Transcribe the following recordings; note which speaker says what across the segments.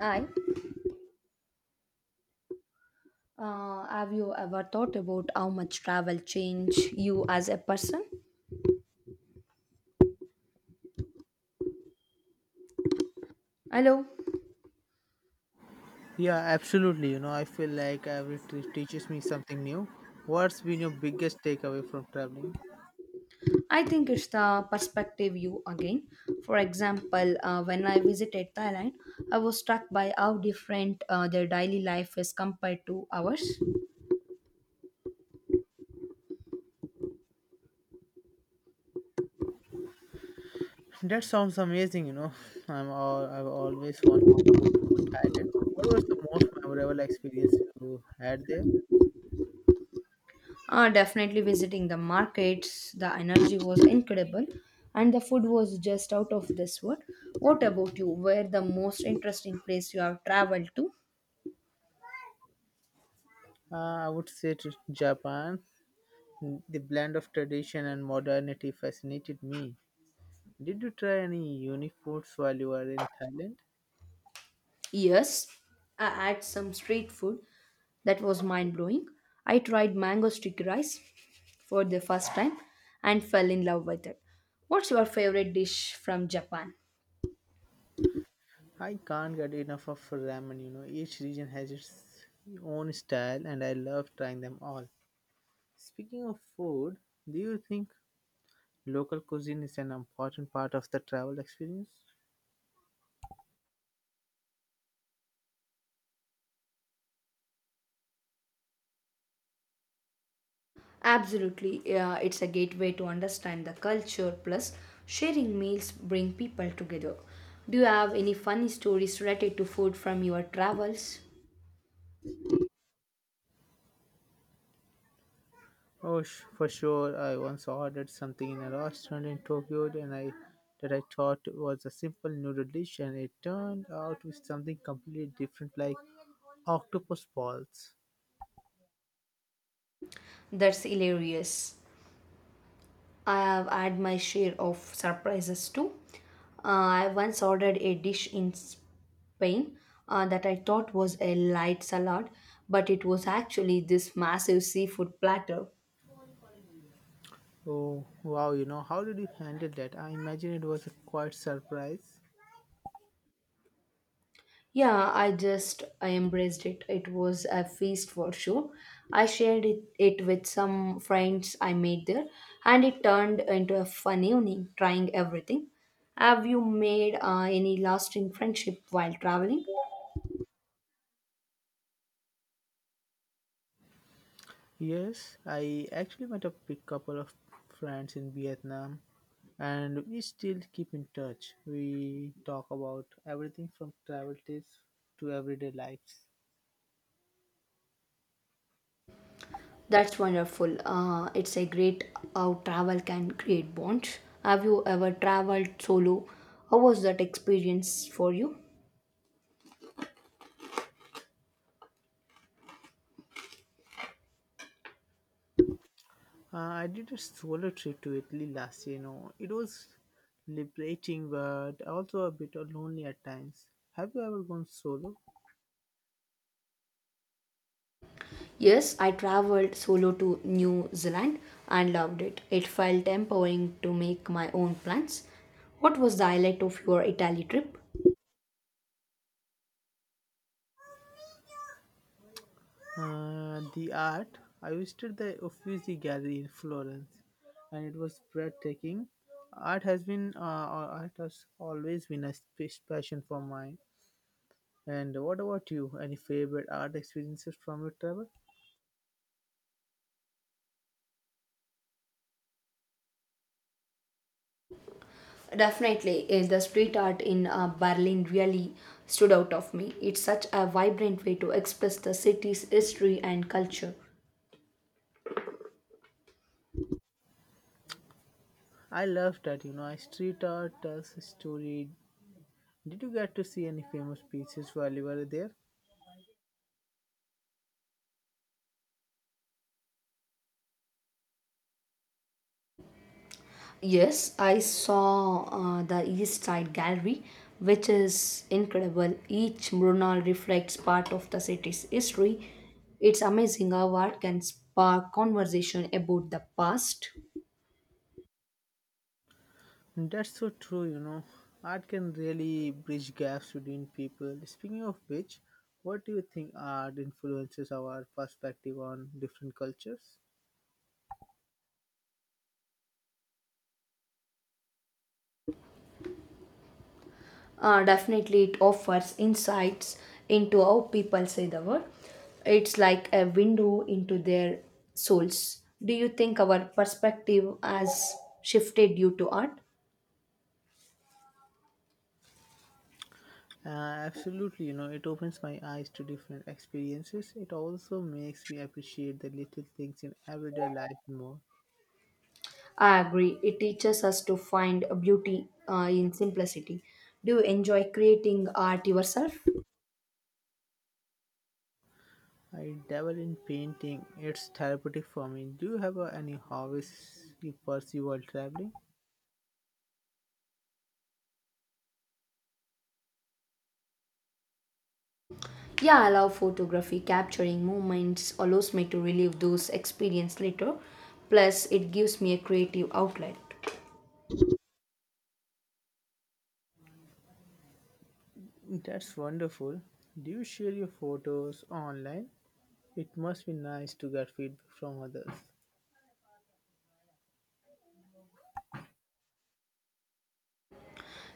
Speaker 1: I have you ever thought about how much travel changed you as a person? Hello,
Speaker 2: Yeah, absolutely. You know, I feel like every trip teaches me something new. What's been your biggest takeaway from traveling?
Speaker 1: I think it's the perspective view again. For example, when I visited Thailand, I was struck by how different their daily life is compared to ours.
Speaker 2: That sounds amazing. You know, I've always wanted to go to Thailand. What was the most memorable experience you had there?
Speaker 1: Definitely visiting the markets, the energy was incredible, and the food was just out of this world. What about you? Where the most interesting place you have traveled to?
Speaker 2: I would say to Japan. The blend of tradition and modernity fascinated me. Did you try any unique foods while you were in Thailand?
Speaker 1: Yes, I had some street food that was mind blowing. I tried mango sticky rice for the first time and fell in love with it. What's your favorite dish from Japan?
Speaker 2: I can't get enough of ramen, you know. Each region has its own style and I love trying them all. Speaking of food, do you think local cuisine is an important part of the travel experience?
Speaker 1: Absolutely, yeah, it's a gateway to understand the culture. Plus, sharing meals bring people together. Do you have any funny stories related to food from your travels?
Speaker 2: Oh, for sure. I once ordered something in a restaurant in Tokyo and I that I thought was a simple noodle dish and it turned out with something completely different like octopus balls.
Speaker 1: That's hilarious. I have had my share of surprises too. I once ordered a dish in Spain that I thought was a light salad, but it was actually this massive seafood platter.
Speaker 2: Oh, wow, you know, how did you handle that? I imagine it was a quite surprise.
Speaker 1: Yeah, I just I embraced it. It was a feast for sure. I shared it with some friends I made there, and it turned into a fun evening trying everything. Have you made any lasting friendship while traveling?
Speaker 2: Yes, I actually met up with a couple of friends in Vietnam and we still keep in touch. We talk about everything from travel tips to everyday lives.
Speaker 1: That's wonderful. It's a great how travel can create bonds. Have you ever traveled solo? How was that experience for you?
Speaker 2: I did a solo trip to Italy last year, you know. It was liberating but also a bit lonely at times. Have you ever gone solo?
Speaker 1: Yes, I traveled solo to New Zealand and loved it. It felt empowering to make my own plans. What was the highlight of your Italy trip?
Speaker 2: The art. I visited the Uffizi Gallery in Florence, and it was breathtaking. Art has always been a passion for mine. And what about you? Any favorite art experiences from your travel?
Speaker 1: Definitely, the street art in Berlin really stood out of me. It's such a vibrant way to express the city's history and culture.
Speaker 2: I love that. You know, I Street art tells a story. Did you get to see any famous pieces while you were there?
Speaker 1: Yes, I saw the East Side Gallery, which is incredible. Each mural reflects part of the city's history. It's amazing how art can spark conversation about the past.
Speaker 2: That's so true, you know. Art can really bridge gaps between people. Speaking of which, what do you think art influences our perspective on different cultures?
Speaker 1: Definitely, it offers insights into how people see the world. It's like a window into their souls. Do you think our perspective has shifted due to art?
Speaker 2: Absolutely, you know, it opens my eyes to different experiences. It also makes me appreciate the little things in everyday life more.
Speaker 1: I agree. It teaches us to find a beauty in simplicity. Do you enjoy creating art yourself?
Speaker 2: I dabble in painting, it's therapeutic for me. Do you have any hobbies you pursue while traveling?
Speaker 1: Yeah, I love photography. Capturing moments allows me to relive those experiences later. Plus, it gives me a creative outlet.
Speaker 2: That's wonderful. Do you share your photos online? It must be nice to get feedback from others.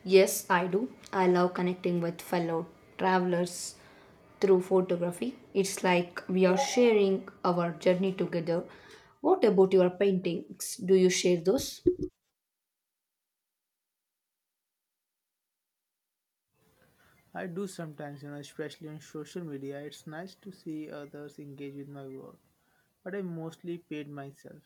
Speaker 1: Yes, I do. I love connecting with fellow travelers through photography. It's like we are sharing our journey together. What about your paintings? Do you share those?
Speaker 2: I do sometimes, you know, especially on social media. It's nice to see others engage with my work, but I mostly paid myself.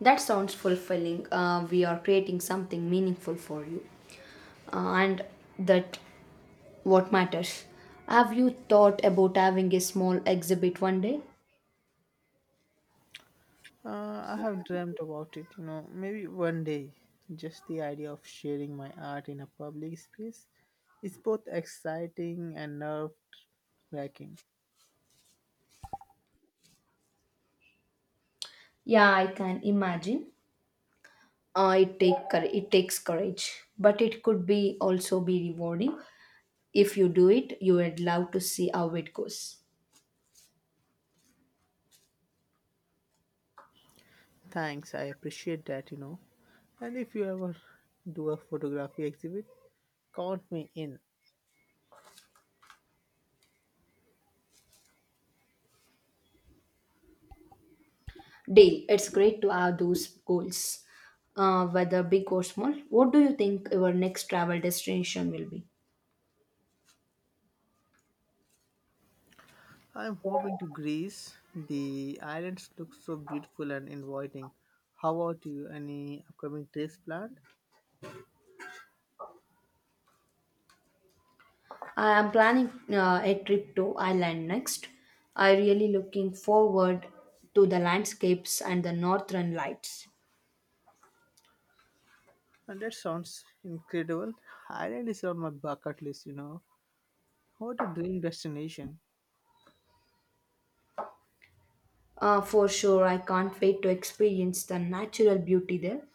Speaker 1: That sounds fulfilling. We are creating something meaningful for you, and that what matters. Have you thought about having a small exhibit one day?
Speaker 2: I have dreamt about it, you know, maybe one day. Just the idea of sharing my art in a public space is both exciting and nerve wracking.
Speaker 1: Yeah, I can imagine. It takes courage, but it could be also be rewarding. If you do it, you would love to see how it goes.
Speaker 2: Thanks, I appreciate that, you know. And if you ever do a photography exhibit, count me in.
Speaker 1: Dale, it's great to have those goals, whether big or small. What do you think your next travel destination will be?
Speaker 2: I'm hoping to Greece. The islands look so beautiful and inviting. How about you? Any upcoming trips planned?
Speaker 1: I am planning a trip to Ireland next. I really looking forward to the landscapes and the northern lights.
Speaker 2: And that sounds incredible. Ireland is on my bucket list, you know. What a dream destination.
Speaker 1: For sure, I can't wait to experience the natural beauty there.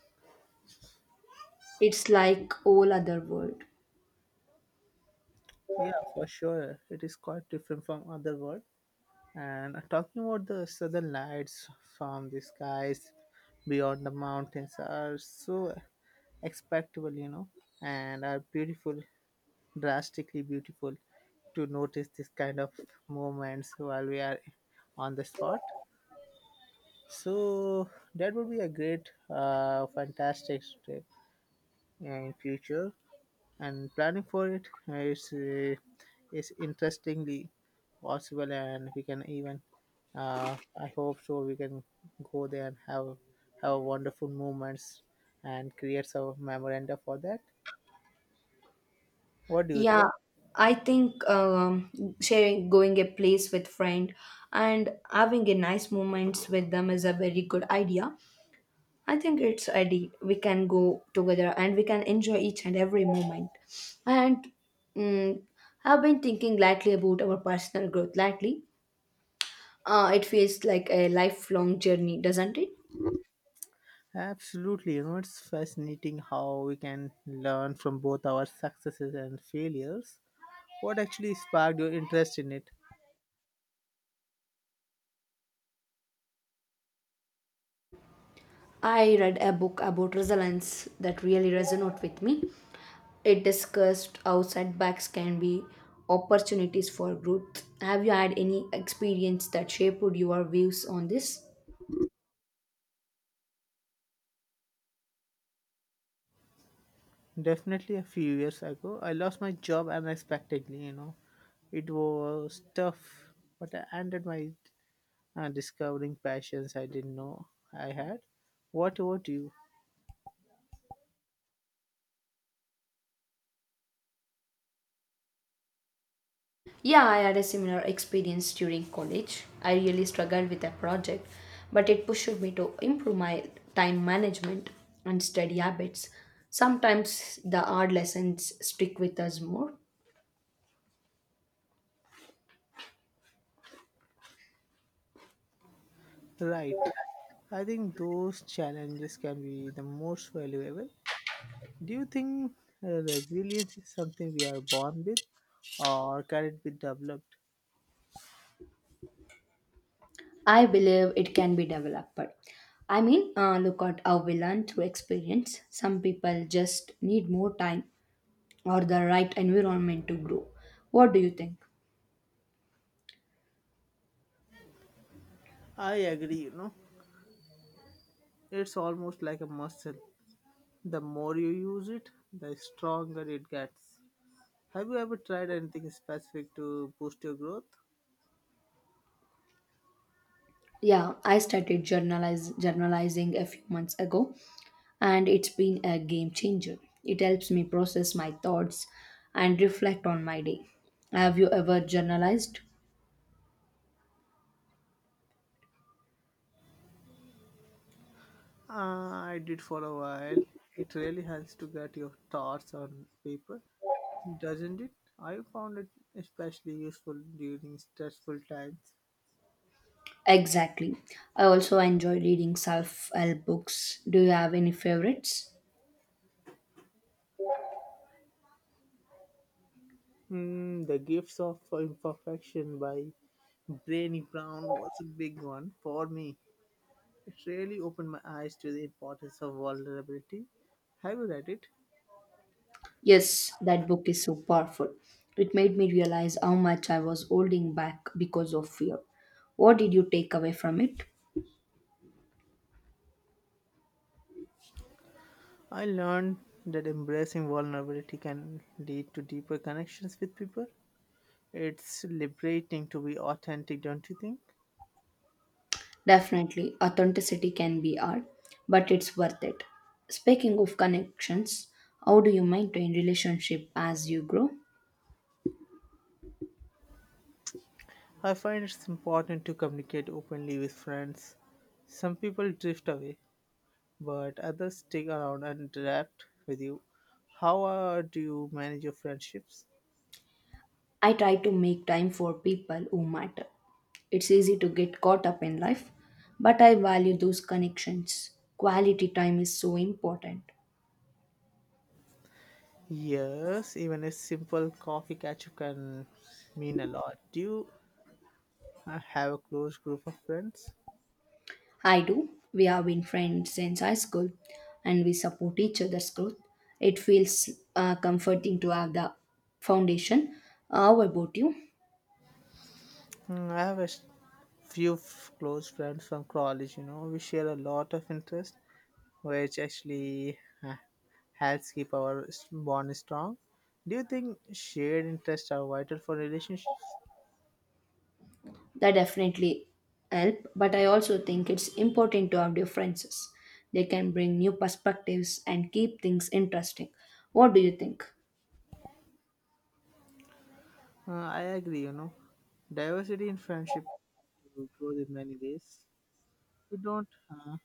Speaker 1: It's like all other world.
Speaker 2: Yeah, for sure. It is quite different from other world, and talking about the southern lights from the skies beyond the mountains are so expectable, you know, and are beautiful, drastically beautiful to notice this kind of moments while we are on the spot. So that would be a great, fantastic trip in future and planning for it is interestingly possible and we can even I hope so we can go there and have wonderful moments and create some memoranda for that. What do you
Speaker 1: Yeah,
Speaker 2: think?
Speaker 1: I think sharing going a place with friend and having a nice moments with them is a very good idea. I think it's ideal. We can go together and we can enjoy each and every moment. And mm, I've been thinking lately about our personal growth lately. It feels like a lifelong journey, doesn't it?
Speaker 2: Absolutely, you know, it's fascinating how we can learn from both our successes and failures. What actually sparked your interest in it?
Speaker 1: I read a book about resilience that really resonated with me. It discussed how setbacks can be opportunities for growth. Have you had any experience that shaped your views on this?
Speaker 2: Definitely a few years ago, I lost my job unexpectedly, you know. It was tough, but I ended my discovering passions I didn't know I had. What about you?
Speaker 1: Yeah, I had a similar experience during college. I really struggled with a project, but it pushed me to improve my time management and study habits. Sometimes the hard lessons stick with us more.
Speaker 2: Right. I think those challenges can be the most valuable. Do you think resilience is something we are born with or can it be developed?
Speaker 1: I believe it can be developed. Look at how we learn through experience. Some people just need more time or the right environment to grow. What do you think?
Speaker 2: I agree, you know. It's almost like a muscle. The more you use it, the stronger it gets. Have you ever tried anything specific to boost your growth?
Speaker 1: Yeah, I started journalizing a few months ago, and it's been a game changer. It helps me process my thoughts and reflect on my day. Have you ever journalized?
Speaker 2: Uh, I did for a while. It really helps to get your thoughts on paper, doesn't it? I found it especially useful during stressful times.
Speaker 1: Exactly. I also enjoy reading self help books. Do you have any favorites?
Speaker 2: Mm, the Gifts of Imperfection by Brené Brown was a big one for me. It really opened my eyes to the importance of vulnerability. Have you read it?
Speaker 1: Yes, that book is so powerful. It made me realize how much I was holding back because of fear. What did you take away from it?
Speaker 2: I learned that embracing vulnerability can lead to deeper connections with people. It's liberating to be authentic, don't you think?
Speaker 1: Definitely, authenticity can be art, but it's worth it. Speaking of connections, how do you maintain relationship as you grow?
Speaker 2: I find it's important to communicate openly with friends. Some people drift away, but others stick around and adapt with you. How do you manage your friendships?
Speaker 1: I try to make time for people who matter. It's easy to get caught up in life, but I value those connections. Quality time is so important.
Speaker 2: Yes, even a simple coffee catch up can mean a lot. Do you have a close group of friends?
Speaker 1: I do. We have been friends since high school and we support each other's growth. It feels comforting to have the foundation. How about you?
Speaker 2: Hmm, I have a close friends from college, you know. We share a lot of interest, which actually uh, helps keep our bond strong. Do you think shared interests are vital for relationships?
Speaker 1: That definitely help, but I also think it's important to have differences. They can bring new perspectives and keep things interesting. What do you think?
Speaker 2: I agree, you know. Diversity in friendship to grow in many ways. We don't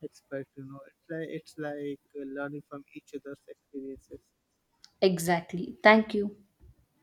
Speaker 2: expect, you know. It's like learning from each other's experiences.
Speaker 1: Exactly, thank you.